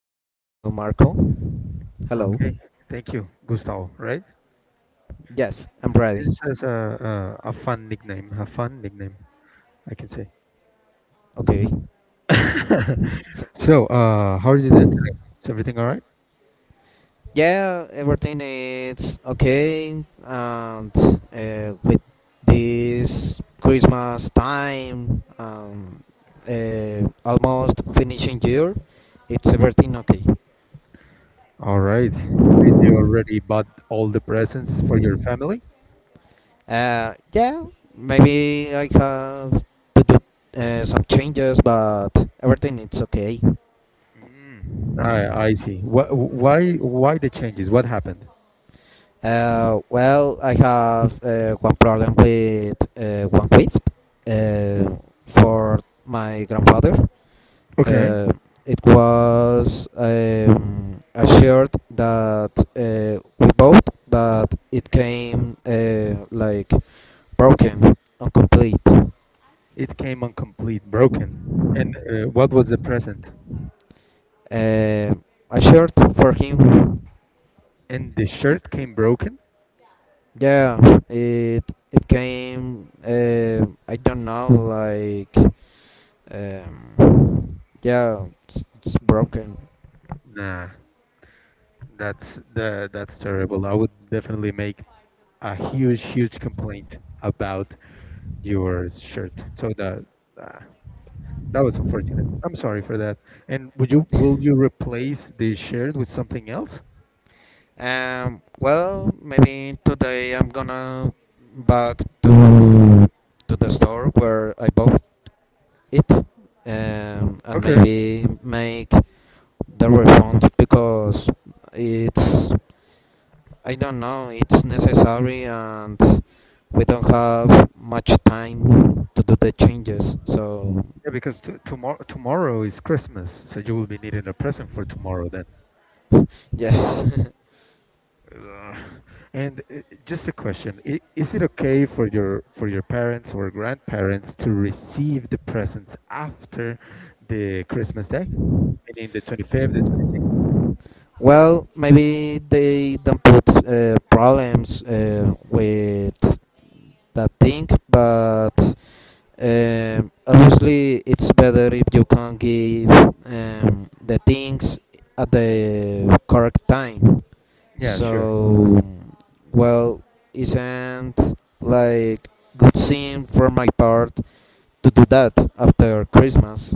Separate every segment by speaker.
Speaker 1: I can hear you, Marco. Hello.
Speaker 2: Okay, thank you, Gustavo. Right?
Speaker 1: Yes, I'm ready.
Speaker 2: This has a fun nickname, a fun nickname, I can say.
Speaker 1: Okay. So,
Speaker 2: So how are you doing today? Is everything all right?
Speaker 1: yeah, everything is okay, and with this Christmas time, almost finishing year, it's everything okay.
Speaker 2: All right. Did you already bought all the presents for your family?
Speaker 1: Yeah, maybe I have to do some changes, but everything it's okay.
Speaker 2: Mm. I see. Why the changes? What happened?
Speaker 1: Well, I have one problem with one gift uh, for my grandfather.
Speaker 2: Okay.
Speaker 1: Uh, it was a shirt that we bought, but it came like broken, incomplete.
Speaker 2: It came incomplete, broken. And what was the present?
Speaker 1: Uh, a shirt for him.
Speaker 2: And the shirt came broken.
Speaker 1: Yeah, it it came. I don't know, like yeah, it's broken.
Speaker 2: Nah, that's terrible. I would definitely make a huge, huge complaint about your shirt. So that uh, that was unfortunate. I'm sorry for that. And would you will you replace the shirt with something else?
Speaker 1: Well, maybe today I'm gonna back to the store where I bought it, and
Speaker 2: Okay.
Speaker 1: maybe make the refund because it's I don't know it's necessary and we don't have much time to do the changes. So
Speaker 2: Yeah, because t tomorrow tomorrow is Christmas, so you will be needing a present for tomorrow then.
Speaker 1: yes.
Speaker 2: Uh, and just a question: Is it okay for your parents or grandparents to receive the presents after the Christmas day, meaning the 25th, the 26th?
Speaker 1: Well, maybe they don't put problems with that thing, but obviously it's better if you can give the things at the correct time.
Speaker 2: Yeah, sure.
Speaker 1: So, well, isn't like good scene for my part to do that after Christmas.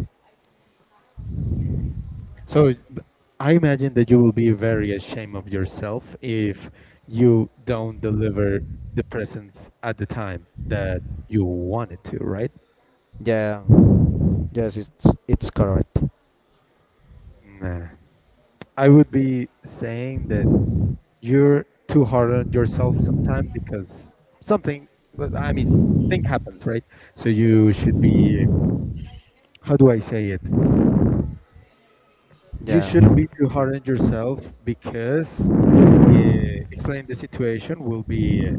Speaker 2: So it's- b- I imagine that you will be very ashamed of yourself if you don't deliver the presents at the time that you wanted to, right?
Speaker 1: Yeah, yes, it's correct.
Speaker 2: Nah. I would be saying that you're too hard on yourself sometimes because something, well, I mean, thing happens, right? So you should be, how do I say it? You
Speaker 1: Yeah.
Speaker 2: shouldn't be too hard on yourself because uh, explaining the situation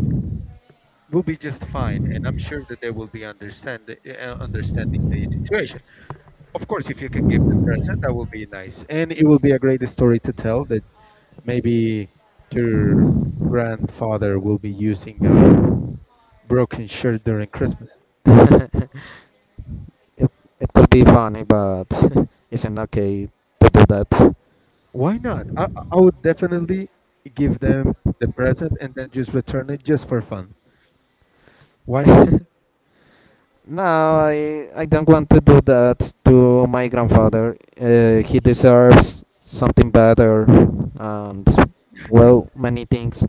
Speaker 2: will be just fine, and I'm sure that they will be understand understanding the situation. Of course, if you can give the present, that will be nice, and it will be a great story to tell that maybe your grandfather will be using a broken shirt during Christmas.
Speaker 1: it it could be funny, but isn't okay to do that.
Speaker 2: Why not? I would definitely give them the present and then just return it just for fun. Why not you?
Speaker 1: No, I don't want to do that to my grandfather. He deserves something better, and well, many things.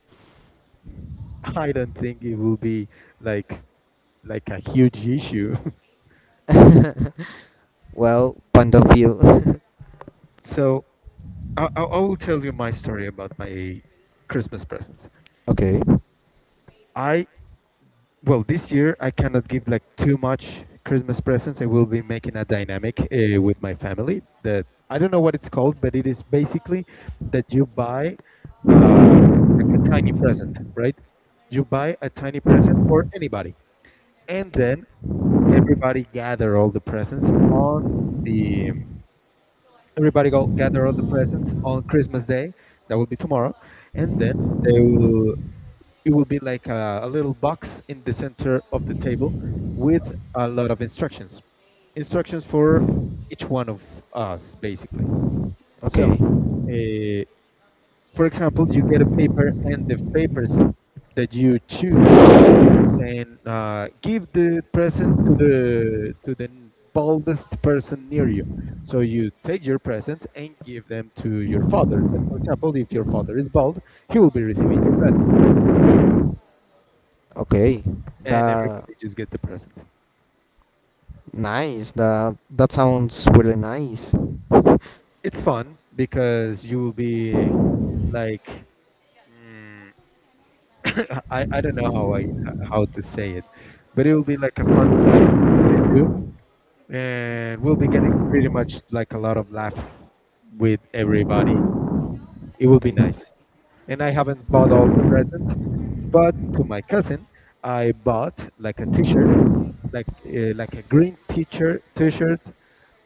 Speaker 2: I don't think it will be like like a huge issue.
Speaker 1: Well, point of view.
Speaker 2: So I will tell you my story about my Christmas presents.
Speaker 1: Okay,
Speaker 2: I well, this year I cannot give like too much Christmas presents. I will be making a dynamic with my family that I don't know what it's called, but it is basically that you buy uh, like a tiny present, right? You buy a tiny present for anybody, and
Speaker 1: okay,
Speaker 2: then everybody gather all the presents on the everybody go gather all the presents on Christmas Day. That will be tomorrow, and then they will it will be like a little box in the center of the table with a lot of instructions for each one of us basically. So
Speaker 1: okay,
Speaker 2: uh, for example, you get a paper and the papers that you choose will be saying, give the present to the baldest person near you. So you take your presents and give them to your father. Like, for example, if your father is bald, he will be receiving your present
Speaker 1: okay.
Speaker 2: and
Speaker 1: The
Speaker 2: everybody just get the present.
Speaker 1: Nice. The That sounds really nice.
Speaker 2: It's fun because you will be like mm, I don't know how to say it, but it will be like a fun thing to do, and we'll be getting pretty much like a lot of laughs with everybody. It will be
Speaker 1: Okay.
Speaker 2: nice. And I haven't bought all the presents, but to my cousin, I bought like a T-shirt, like a green teacher T-shirt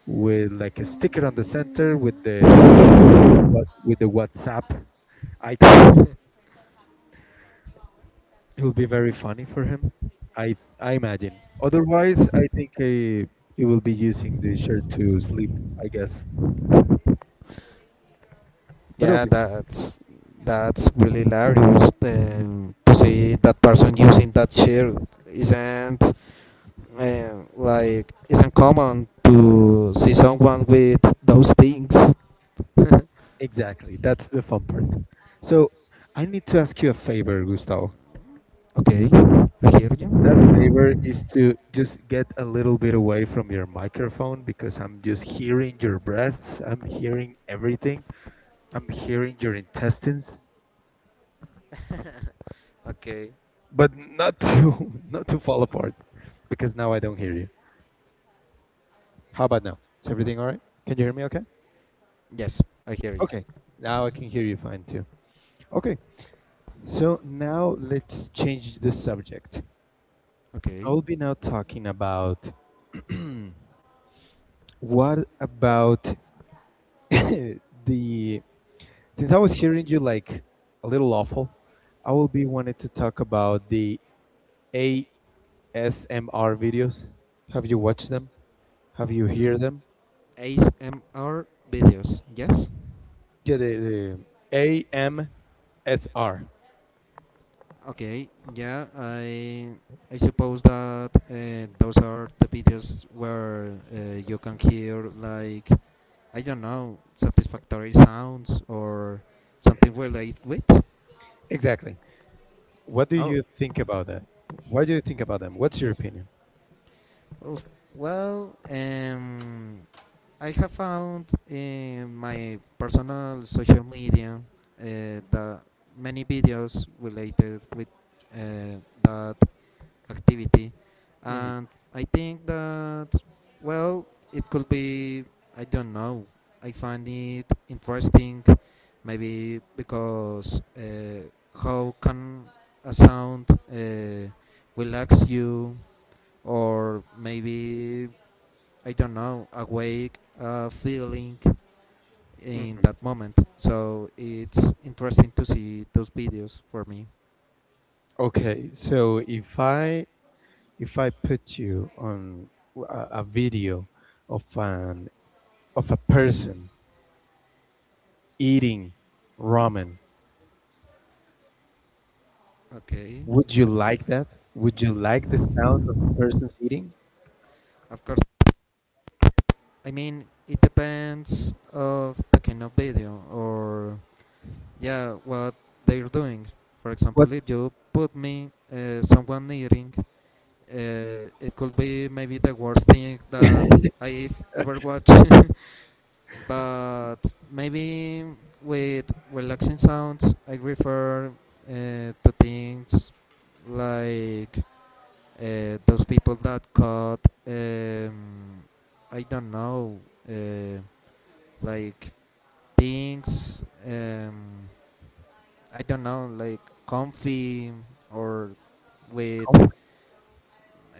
Speaker 2: with like a sticker on the center with the WhatsApp icon. It will be very funny for him, I imagine. Otherwise, I think he will be using the shirt to sleep, I guess. But it'll
Speaker 1: Yeah,
Speaker 2: be
Speaker 1: that's really hilarious to see that person using that shirt. Isn't like isn't common to see someone with those things.
Speaker 2: Exactly, that's the fun part. So I need to ask you a favor, Gustavo.
Speaker 1: Okay, I hear
Speaker 2: That
Speaker 1: you.
Speaker 2: favor is to just get a little bit away from your microphone because I'm just hearing your breaths. I'm hearing everything. I'm hearing your intestines,
Speaker 1: Okay,
Speaker 2: but not to not to fall apart because now I don't hear you. How about now? Is everything all right? Can you hear me okay?
Speaker 1: yes, I hear you.
Speaker 2: Okay, now I can hear you fine too. Okay, so now let's change the subject. I
Speaker 1: Okay,
Speaker 2: will be now talking about what about the since I was hearing you like a little awful, I will be wanted to talk about the ASMR videos. Have you watched them? Have you heard them?
Speaker 1: ASMR videos. Yes.
Speaker 2: Yeah, the AMSR.
Speaker 1: Okay, yeah, I suppose that those are the videos where you can hear like I don't know satisfactory sounds or something related with.
Speaker 2: Exactly. What do
Speaker 1: Oh,
Speaker 2: you think about that? What do you think about them? What's your opinion?
Speaker 1: oh, well, I have found in my personal social media that many videos related with that activity. And I think that, well, it could be, I don't know, I find it interesting, maybe because how can a sound uh, relax you, or maybe, I don't know, awake a feeling in
Speaker 2: Mhm.
Speaker 1: that moment. So it's interesting to see those videos for me.
Speaker 2: Okay, so if I put you on a video of an of a person eating ramen,
Speaker 1: Okay.
Speaker 2: would you like that? Would you like the sound of the person's eating?
Speaker 1: Of course. I mean, it depends of the kind of video or yeah, what they're doing. For
Speaker 2: What
Speaker 1: example, if you put me someone eating, it could be maybe the worst thing that I've ever watched. But maybe with relaxing sounds, I refer to things like those people that caught um, I don't know, uh, like things I don't know like comfy or with
Speaker 2: com-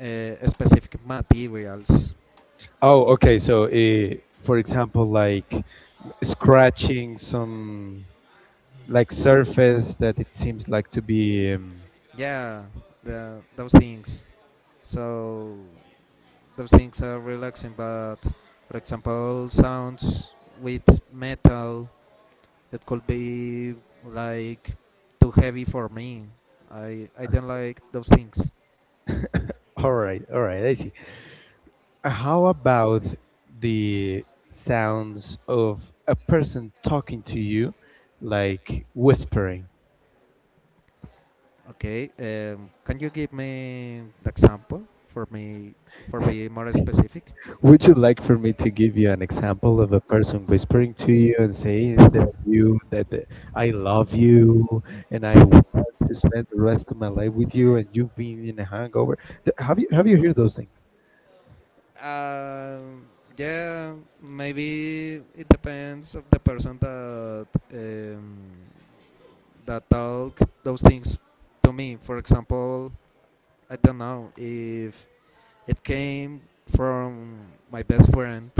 Speaker 1: specific materials.
Speaker 2: Oh, okay. So, for example, like scratching some like surface that it seems like to be.
Speaker 1: Yeah, those things. So those things are relaxing, but for example sounds with metal it could be like too heavy for me. I don't like those things.
Speaker 2: All right, all right. I see. How about the sounds of a person talking to you, like whispering?
Speaker 1: Okay, can you give me the example for me for being more specific?
Speaker 2: Would you like for me to give you an example of a person whispering to you and saying that you that I love you and I want to spend the rest of my life with you and you've been in a hangover? Have you heard those things?
Speaker 1: Um, yeah, maybe it depends of the person um, that talk those things to me. For example, I don't know if it came from my best friend.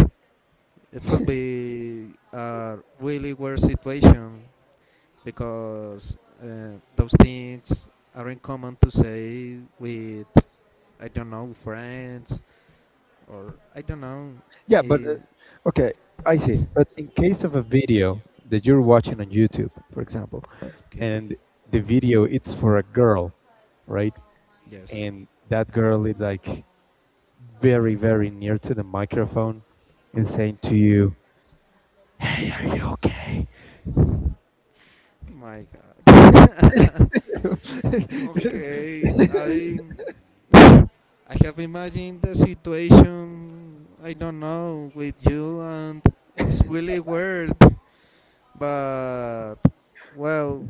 Speaker 1: It could be a really weird situation because those things aren't common to say with I don't know friends or I don't know.
Speaker 2: Yeah, but
Speaker 1: eh,
Speaker 2: okay, I see. But in case of a video that you're watching on YouTube, for example,
Speaker 1: okay,
Speaker 2: and the video it's for a girl, right,
Speaker 1: yes.
Speaker 2: and that girl is like very very near to the microphone and saying to you, hey, are you okay?
Speaker 1: My God. Okay, I have imagined the situation. I don't know with you, and it's really weird. But well,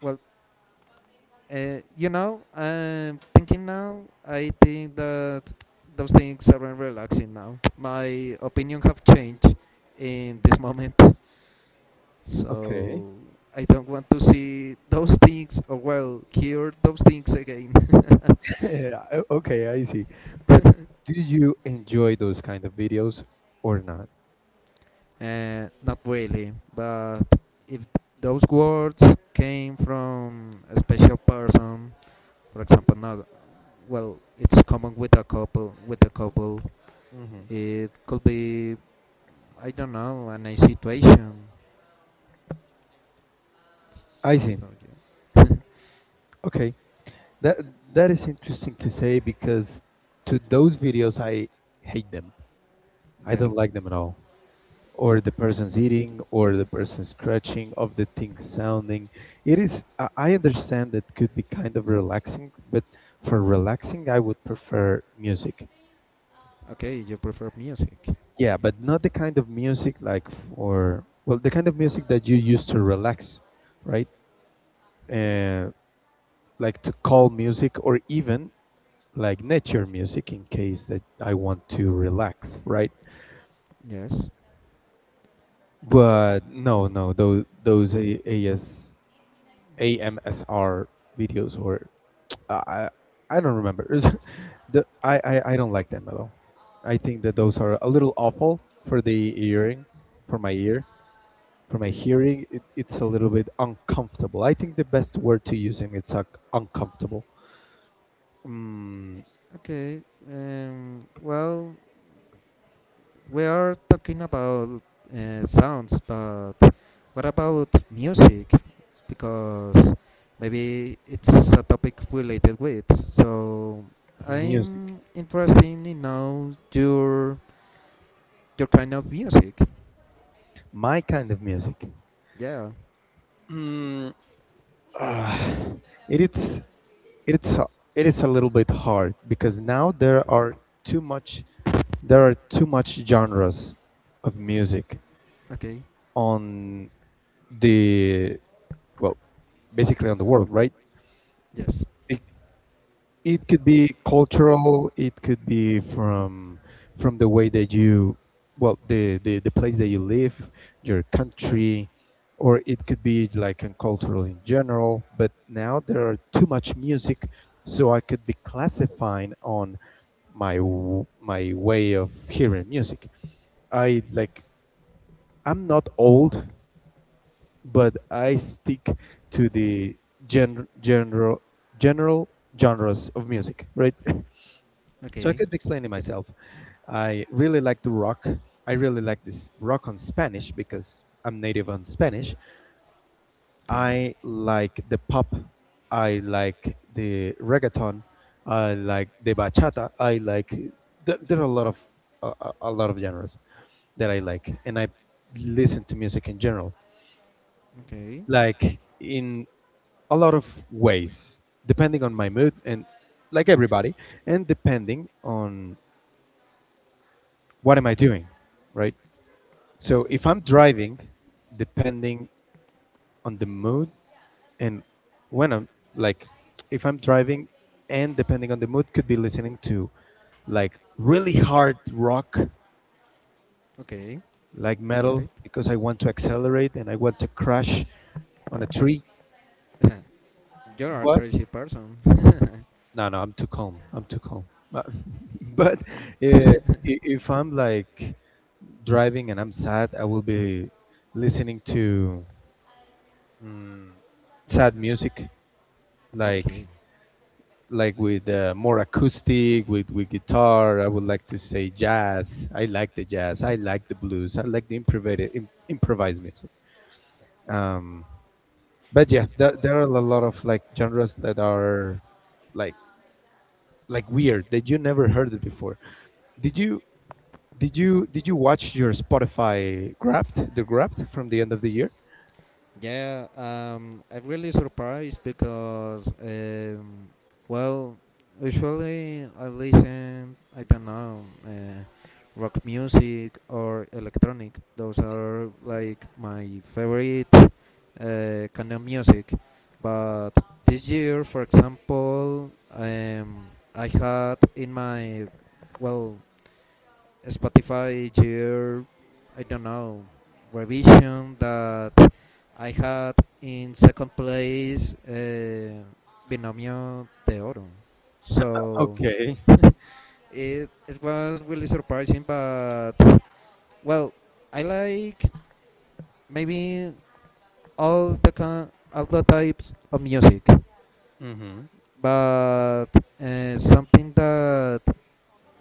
Speaker 1: well, I'm thinking now. I think that those things aren't relaxing now. My opinion have changed in this moment,
Speaker 2: okay.
Speaker 1: so I don't want to see those things or well hear those things again.
Speaker 2: Yeah, okay, I see, but do you enjoy those kind of videos or not?
Speaker 1: Not really, but if those words came from a special person, for example, now well, it's common with a couple. With a couple,
Speaker 2: Hmm,
Speaker 1: it could be I don't know, a nice situation.
Speaker 2: I see.
Speaker 1: So yeah.
Speaker 2: Okay, that that is interesting to say because to those videos I hate them. I
Speaker 1: yeah.
Speaker 2: don't like them at all, or the person's eating or the person's scratching of the thing sounding. It is I understand that could be kind of relaxing, but for relaxing I would prefer music.
Speaker 1: Okay, you prefer music.
Speaker 2: Yeah, but not the kind of music like for well the kind of music that you use to relax, right? uh, like to calm music, or even like nature music in case that I want to relax, right?
Speaker 1: Yes.
Speaker 2: But no, no, those A- as amsr videos, or I I don't remember. I don't like them at all. I think that those are a little awful for the earring, for my ear, for my
Speaker 1: Okay.
Speaker 2: hearing. It's a little bit uncomfortable. I think the best word to use him it's like uncomfortable. Mm,
Speaker 1: Okay. Well, we are talking about sounds, but what about music? Because maybe it's a topic related with. So
Speaker 2: music,
Speaker 1: I'm interested in know your kind of music.
Speaker 2: my kind of music.
Speaker 1: Yeah.
Speaker 2: Mm, ah, it is it's a- it is a little bit hard because now there are too much genres of music
Speaker 1: Okay.
Speaker 2: on the well basically on the world, right?
Speaker 1: Yes.
Speaker 2: it, it could be cultural, it could be from the way that you well the place that you live, your country, or it could be like in cultural in general, but now there are too much music. So I could be classifying on my way of hearing music. I like I'm not old, but I stick to the gen- general, general genres of music, right? So I
Speaker 1: Okay.
Speaker 2: could be explaining
Speaker 1: Okay.
Speaker 2: myself. I really like the rock. I really like this rock on Spanish because I'm native on Spanish.
Speaker 1: Okay.
Speaker 2: I like the pop. I like the reggaeton. I like the bachata. I like there are a lot of a lot of genres that I like, and I listen to music in general.
Speaker 1: Okay,
Speaker 2: Like in a lot of ways, depending on my mood and like everybody, and depending on what am I doing, right? So if I'm driving, depending on the mood and when I'm like, if I'm driving and depending on the mood, could be listening to like really hard rock,
Speaker 1: okay,
Speaker 2: like
Speaker 1: I get
Speaker 2: metal,
Speaker 1: it.
Speaker 2: because I want to accelerate and I want to crash on a tree.
Speaker 1: You're a
Speaker 2: But
Speaker 1: crazy person.
Speaker 2: no, no, I'm too calm. I'm too calm. But, but uh, i- if I'm like driving and I'm sad, I will be listening to mm, sad music, like
Speaker 1: Okay.
Speaker 2: like with more acoustic, with guitar. I would like to say jazz. I like the jazz. I like the blues. I like the improvised improvised music. Um, but yeah, there are a lot of like genres that are like like weird that you never heard it before. Did you? Did you watch your Spotify Wrapped the Wrapped from the end of the year?
Speaker 1: Yeah, I'm really surprised because, well, usually I listen, I don't know, rock music or electronic. Those are like my favorite kind of music. But this year, for example, I had in my, well, Spotify year, I don't know, revision that I had in second place Binomio de Oro. So
Speaker 2: Okay.
Speaker 1: it was really surprising, but well, I like maybe all the all the types of music,
Speaker 2: Hmm.
Speaker 1: but something that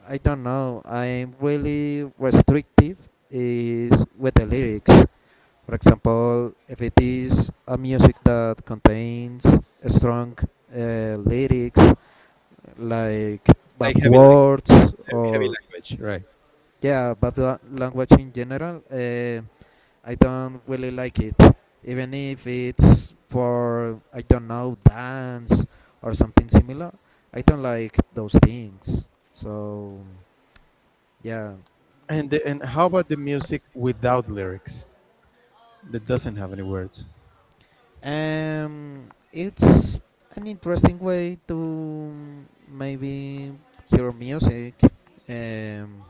Speaker 1: I don't know. I'm really restrictive is with the lyrics. For example, if it is a music that contains strong lyrics like bad
Speaker 2: Like heavy
Speaker 1: words
Speaker 2: heavy
Speaker 1: or
Speaker 2: language, right?
Speaker 1: yeah, bad language in general, I don't really like it. Even if it's for I don't know dance or something similar, I don't like those things. So yeah,
Speaker 2: And the, and how about the music without lyrics that doesn't have any words?
Speaker 1: It's an interesting way to maybe hear music. Um,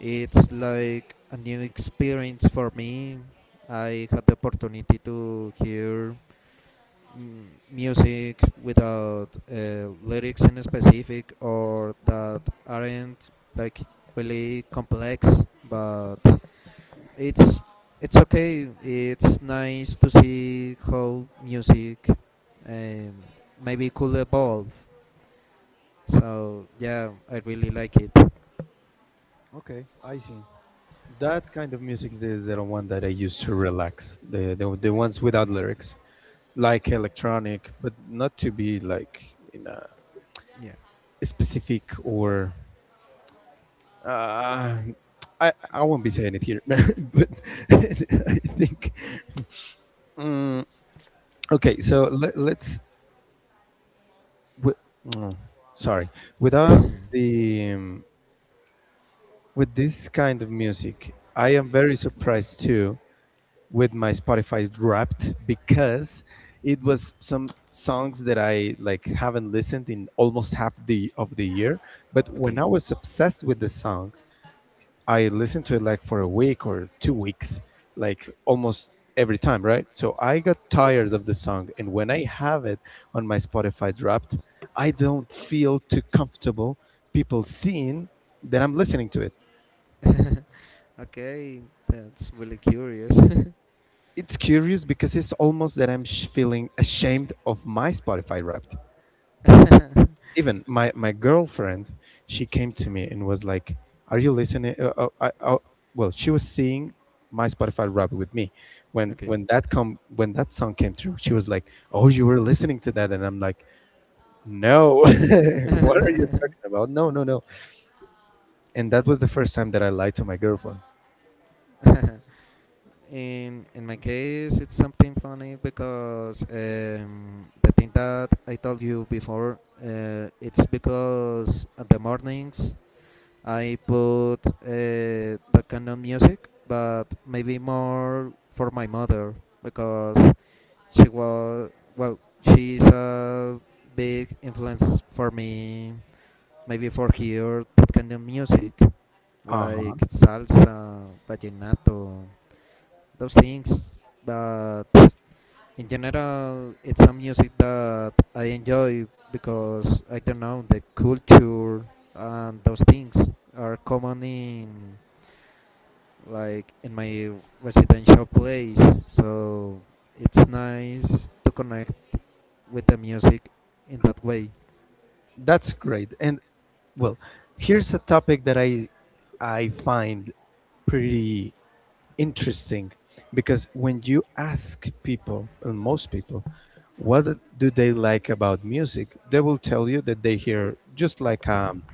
Speaker 1: it's like a new experience for me. I had the opportunity to hear mm, music without lyrics in specific or that aren't like really complex, but it's it's okay. It's nice to see how music um, maybe could evolve. So yeah, I really like it.
Speaker 2: Okay, I see. That kind of music is the one that I use to relax. The the ones without lyrics, like electronic, but not to be like in a
Speaker 1: Yeah.
Speaker 2: specific or. Uh, I won't be saying it here, but I think. Mm, okay, so let's wi- mm, sorry. Without the. With this kind of music. I am very surprised too with my Spotify Wrapped because it was some songs that I like haven't listened in almost half the of the year. But when
Speaker 1: Okay.
Speaker 2: I was obsessed with the song, I listened to it like for a week or 2 weeks, like almost every time, right? So I got tired of the song, and when I have it on my Spotify Wrapped, I don't feel too comfortable people seeing that I'm listening to it.
Speaker 1: Okay, that's really curious.
Speaker 2: It's curious because it's almost that I'm feeling ashamed of my Spotify Wrapped. Even my girlfriend, she came to me and was like, "Are you listening?" Well, she was seeing my Spotify Wrapped with me when
Speaker 1: Okay.
Speaker 2: when that come when that song came through. She was like, "Oh, you were listening to that?" And I'm like, "No, what are you talking about? No, no, no." And that was the first time that I lied to my girlfriend.
Speaker 1: In my case, it's something funny because the thing that I told you before, it's because at the mornings I bought that kind of music, but maybe more for my mother because she was well, she's a big influence for me. Maybe for here that kind of music
Speaker 2: Uh huh.
Speaker 1: like salsa, vallenato, those things. But in general, it's a music that I enjoy because I don't know the culture and those things are common in like in my residential place. So it's nice to connect with the music in that way.
Speaker 2: That's great. And well, here's a topic that I find pretty interesting because when you ask people, and most people, what do they like about music, they will tell you that they hear just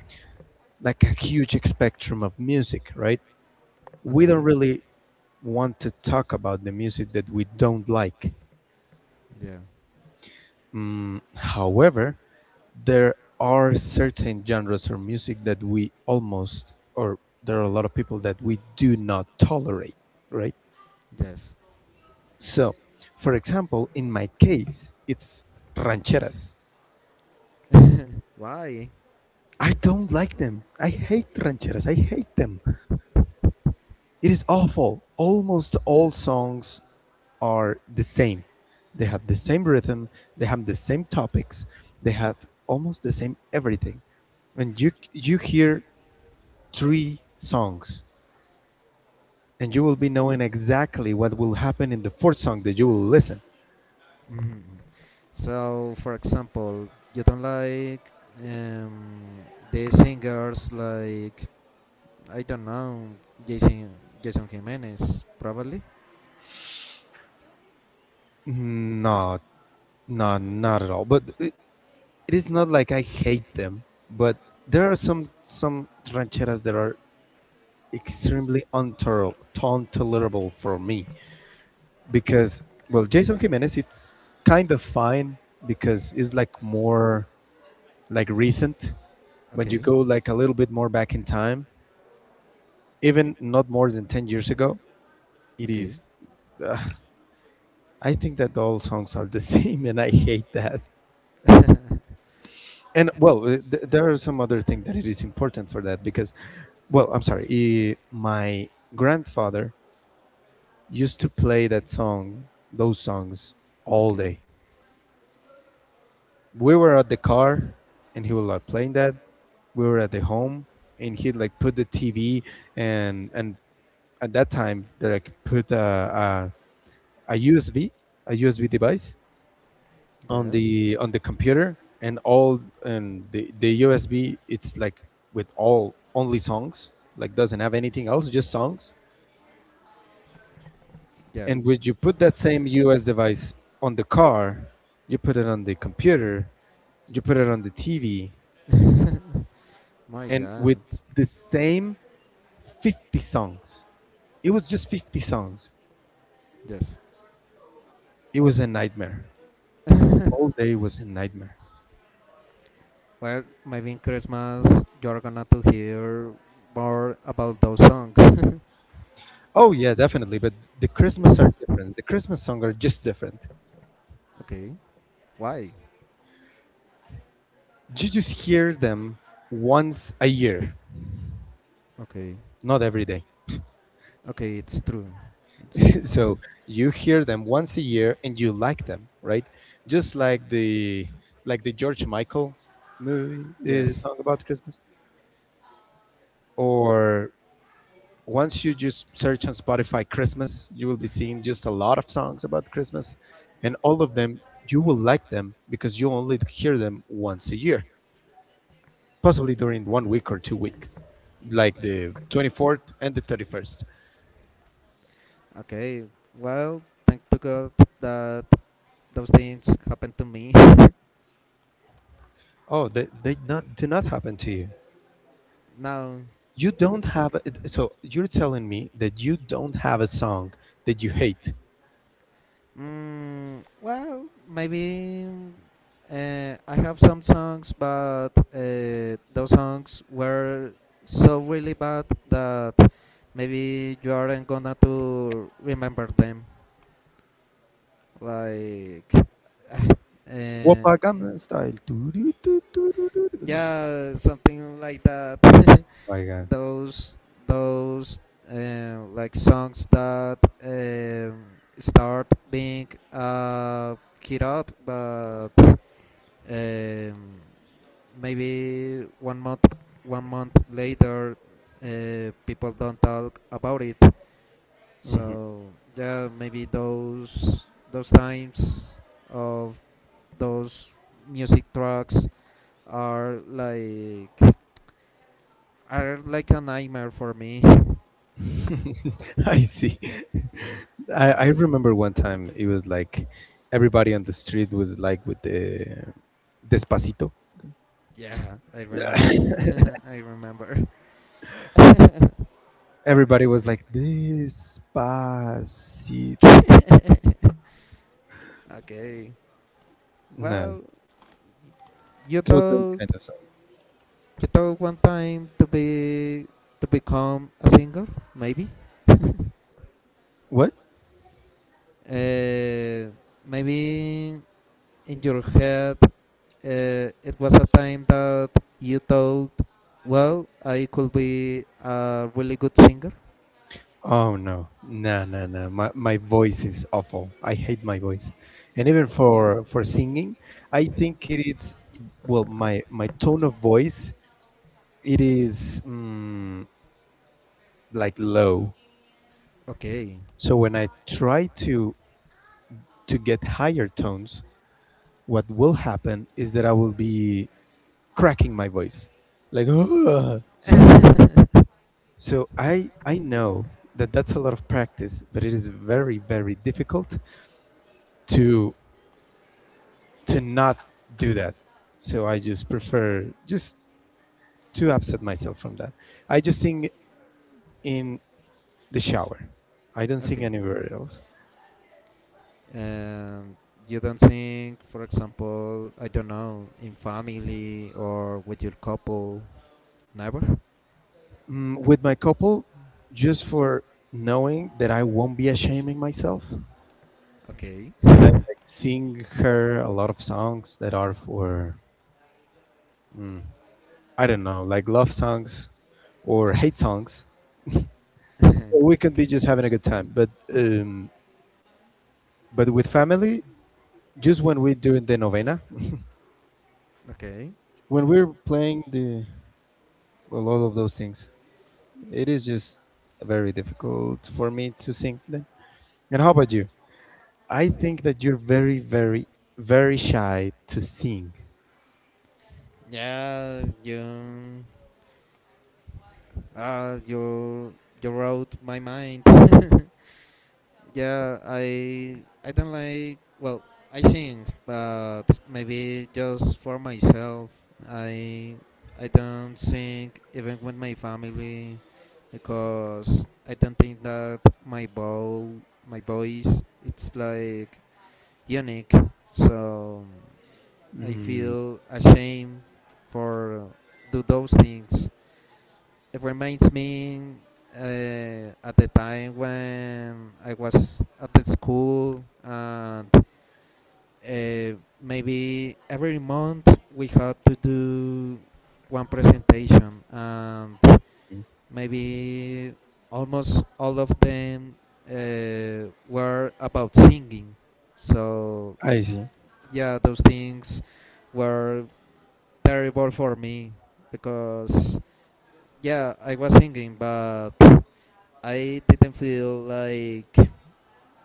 Speaker 2: like a huge spectrum of music, right? We don't
Speaker 1: Okay.
Speaker 2: really want to talk about the music that we don't like.
Speaker 1: Yeah.
Speaker 2: However, there are certain genres or music that we almost, or there are a lot of people that we do not tolerate, right?
Speaker 1: Yes.
Speaker 2: So for example, in my case, it's rancheras.
Speaker 1: Why?
Speaker 2: I don't like them. I hate rancheras, I hate them. It is awful. Almost all songs are the same, they have the same rhythm, they have the same topics, they have almost the same everything. And you hear three songs and you will be knowing exactly what will happen in the fourth song that you will listen.
Speaker 1: Mhm. So for example you don't like um, the singers like I don't know jason jason Jimenez probably.
Speaker 2: No, no, not at all. It is not like I hate them, but there are some rancheras that are extremely untoler- untolerable for me because, well, Jason Jimenez, it's kind of fine because it's like more, like recent. When you
Speaker 1: Okay,
Speaker 2: go like a little bit more back in time, even not more than 10 years ago, it
Speaker 1: okay,
Speaker 2: is, I think that all songs are the same, and I hate that. And well, there are some other things that it is important for that because, well, I'm sorry, my grandfather used to play that song, those songs, all
Speaker 1: okay,
Speaker 2: day. We were at the car, and he was like playing that. We were at the home, and he'd like put the TV, and at that time they like put a USB, a USB device
Speaker 1: yeah,
Speaker 2: on the computer. And all, and the USB, it's like with all only songs, like doesn't have anything else, just songs.
Speaker 1: yeah.
Speaker 2: And would you put that same US device on the car, you put it on the computer, you put it on the TV.
Speaker 1: My
Speaker 2: And with
Speaker 1: God.
Speaker 2: the same 50 songs, it was just 50 songs.
Speaker 1: Yes.
Speaker 2: It was a nightmare, all day was a nightmare.
Speaker 1: Well, maybe in Christmas you're gonna to hear more about those songs.
Speaker 2: Oh yeah, definitely, but the Christmas are different, the Christmas song are just different.
Speaker 1: Okay. Why?
Speaker 2: You just hear them once a year,
Speaker 1: Okay,
Speaker 2: not every day.
Speaker 1: okay, it's true. It's true.
Speaker 2: So you hear them once a year and you like them, right? Just like the George Michael movie, the
Speaker 1: Yes.
Speaker 2: song about Christmas. Or once you just search on Spotify Christmas, you will be seeing just a lot of songs about Christmas, and all of them you will like them because you only hear them once a year, possibly during 1 week or 2 weeks, like the 24th and the 31st.
Speaker 1: Okay. Well, thank to God that those things happened to me.
Speaker 2: Oh, they not do not happen to you.
Speaker 1: Now
Speaker 2: You don't have a, so you're telling me that you don't have a song that you hate.
Speaker 1: Well, maybe I have some songs, but those songs were so really bad that maybe you aren't gonna to remember them. Like, uh, in-
Speaker 2: Wapa Gangnam Style. Doo doo doo doo doo doo doo. Oh
Speaker 1: yeah, something like that.
Speaker 2: my God.
Speaker 1: those those like songs that um, start being uh, hit up, but Uh, maybe one month later, people don't talk about it.
Speaker 2: Mhm.
Speaker 1: So yeah, maybe those times of those music tracks are like are like a nightmare for me.
Speaker 2: I see. I,
Speaker 1: Yeah,
Speaker 2: I remember one time it was like everybody on the street was like with the Despacito.
Speaker 1: yeah, I remind, I remember.
Speaker 2: Everybody was like Despacito.
Speaker 1: Okay,
Speaker 2: No.
Speaker 1: well, you
Speaker 2: So those
Speaker 1: thought
Speaker 2: kind of songs.
Speaker 1: You thought one time to become a singer, maybe.
Speaker 2: What?
Speaker 1: Uh, Maybe in your head, it was a time that you thought, well, I could be a really good singer.
Speaker 2: Oh no, no, no, no! My voice is awful. I hate my voice, and even
Speaker 1: Yeah.
Speaker 2: for singing, I think it's, well, my tone of voice, it is like low.
Speaker 1: Okay.
Speaker 2: So when I try to get higher tones, what will happen is that I will be cracking my voice, like "Ugh." So so I know that that's a lot of practice, but it is very very difficult to to not do that. So I just prefer just to upset myself from that. I just sing in the shower. I don't sing
Speaker 1: Okay.
Speaker 2: anywhere else.
Speaker 1: Um, you don't think, for example, I don't know, in family or with your couple, never.
Speaker 2: Mm, with my couple, just for knowing that I won't be ashaming myself.
Speaker 1: Okay.
Speaker 2: And I like, sing her a lot of songs that are for, I don't know, like love songs or hate songs. So we could be
Speaker 1: Okay.
Speaker 2: just having a good time. But with family, just when we're doing the novena,
Speaker 1: Okay.
Speaker 2: when we're playing the a lot of those things. It is just very difficult for me to sing them. And how about you? I think that you're very, very, very shy to sing.
Speaker 1: Yeah, uh, you, you wrote my mind. Yeah, I don't like. Well, I sing, but maybe just for myself. I, I don't sing even with my family, because I don't think that my voice, it's like unique. So I
Speaker 2: Mm,
Speaker 1: feel ashamed for do those things. It reminds me at the time when I was at the school and uh, maybe every month we had to do one presentation and maybe almost all of them were about singing so
Speaker 2: I see.
Speaker 1: yeah those things were terrible for me because yeah I was singing but I didn't feel like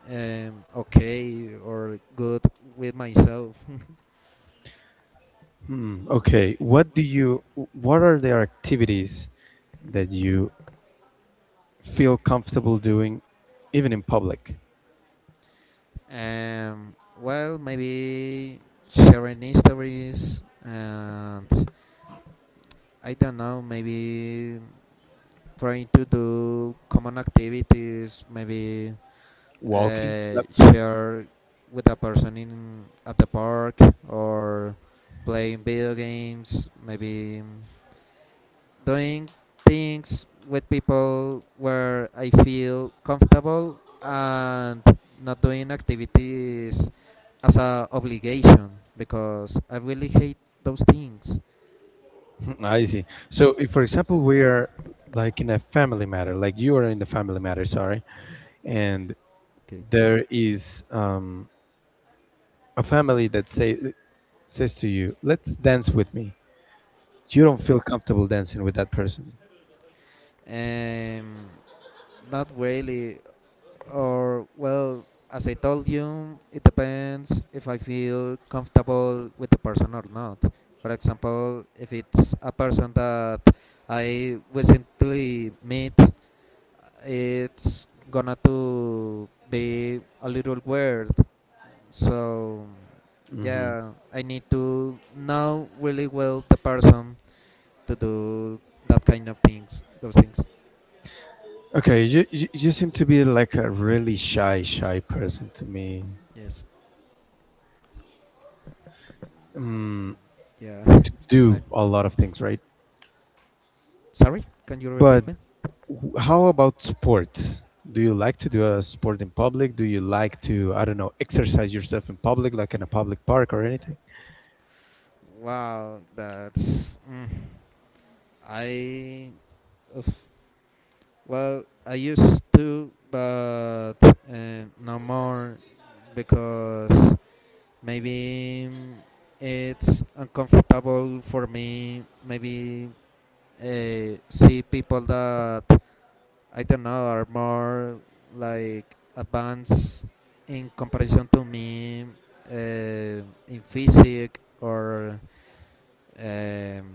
Speaker 1: okay or good with myself.
Speaker 2: Hmm. Okay. What do you? What are the activities that you feel comfortable doing, even in public?
Speaker 1: Well, maybe sharing stories and I don't know, maybe trying to do common activities, maybe
Speaker 2: Walking. Yep.
Speaker 1: share with a person in at the park or playing video games, maybe doing things with people where I feel comfortable and not doing activities as a obligation because I really hate those things.
Speaker 2: Hmm, I see. So, if for example we are like in a family matter, like you are in the family matter, sorry, and
Speaker 1: Okay,
Speaker 2: there is a family that says to you, "Let's dance with me." You don't
Speaker 1: okay.
Speaker 2: feel comfortable dancing with that person.
Speaker 1: Um, Not really, or well, as I told you, it depends if I feel comfortable with the person or not. For example, if it's a person that I recently met it's gonna to be a little weird. So
Speaker 2: Hmm.
Speaker 1: yeah, I need to know really well the person to do that kind of things, those things.
Speaker 2: Okay, you, you seem to be like a really shy person to me.
Speaker 1: Yes.
Speaker 2: Mm,
Speaker 1: Yeah.
Speaker 2: to
Speaker 1: I
Speaker 2: do a lot of things, right?
Speaker 1: Sorry. Can you
Speaker 2: But
Speaker 1: repeat me?
Speaker 2: how about sports? Do you like to do a sport in public? Do you like to, I don't know, exercise yourself in public, like in a public park or anything?
Speaker 1: Wow, that's I. Oof. Well, I used to, but no more because maybe it's uncomfortable for me. Maybe see people that I don't know are more like advanced in comparison to me uh, in physics or um,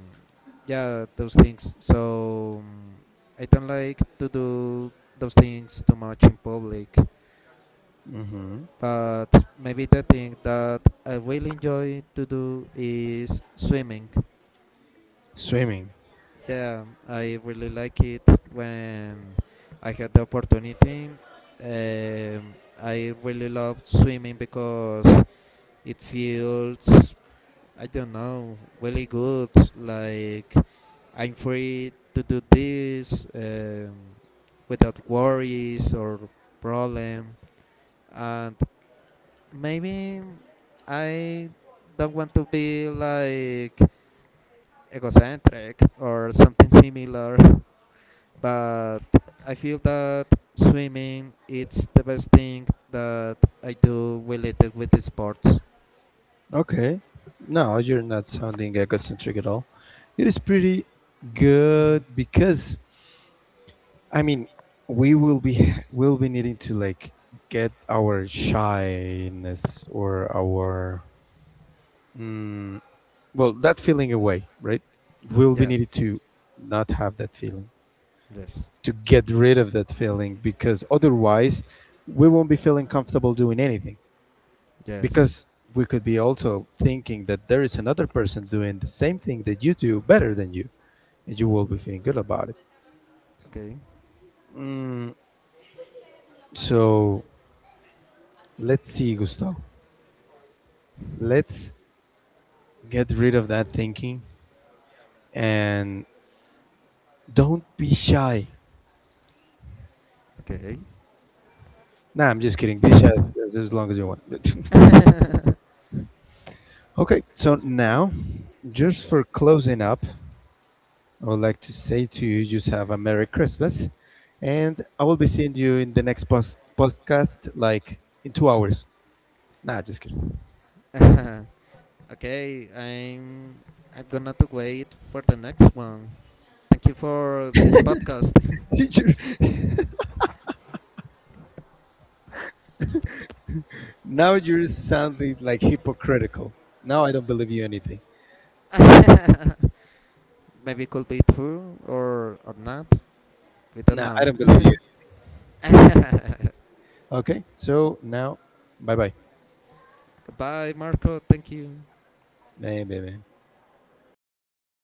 Speaker 1: yeah those things. So I don't like to do those things too much in public. But maybe the thing that I really enjoy to do is swimming.
Speaker 2: Swimming.
Speaker 1: Yeah, I really like it when I had the opportunity. Um, I really love swimming because it feels, I don't know, really good. Like I'm free to do this without worries or problem, and maybe I don't want to be like egocentric or something similar, but I feel that swimming it's the best thing that I do related with the sports.
Speaker 2: Okay. No, you're not sounding egocentric at all. It is pretty good because, I mean, we will be will be needing to like get our shyness or our mm, well, that feeling away, right? We'll be
Speaker 1: Yeah.
Speaker 2: needed to not have that feeling,
Speaker 1: Yes.
Speaker 2: to get rid of that feeling, because otherwise we won't be feeling comfortable doing anything.
Speaker 1: Yes.
Speaker 2: Because we could be also thinking that there is another person doing the same thing that you do better than you, and you will be feeling good about it.
Speaker 1: Okay.
Speaker 2: Mm, so let's see, Gustavo. Let's get rid of that thinking and don't be shy.
Speaker 1: Okay.
Speaker 2: Nah, I'm just kidding. Be shy as long as you want. Okay, so now, just for closing up, I would like to say to you, just have a Merry Christmas. And I will be seeing you in the next podcast, like in 2 hours. Nah, just kidding.
Speaker 1: Okay. I'm gonna to wait for the next one. Thank you for this podcast.
Speaker 2: You're- now you're sounding like hypocritical. Now I don't believe you anything.
Speaker 1: Maybe it could be true or not. We don't
Speaker 2: Nah, I
Speaker 1: know.
Speaker 2: don't believe you. Okay, so now, bye bye.
Speaker 1: Goodbye, Marco. Thank you.
Speaker 2: Bye bye. Bye.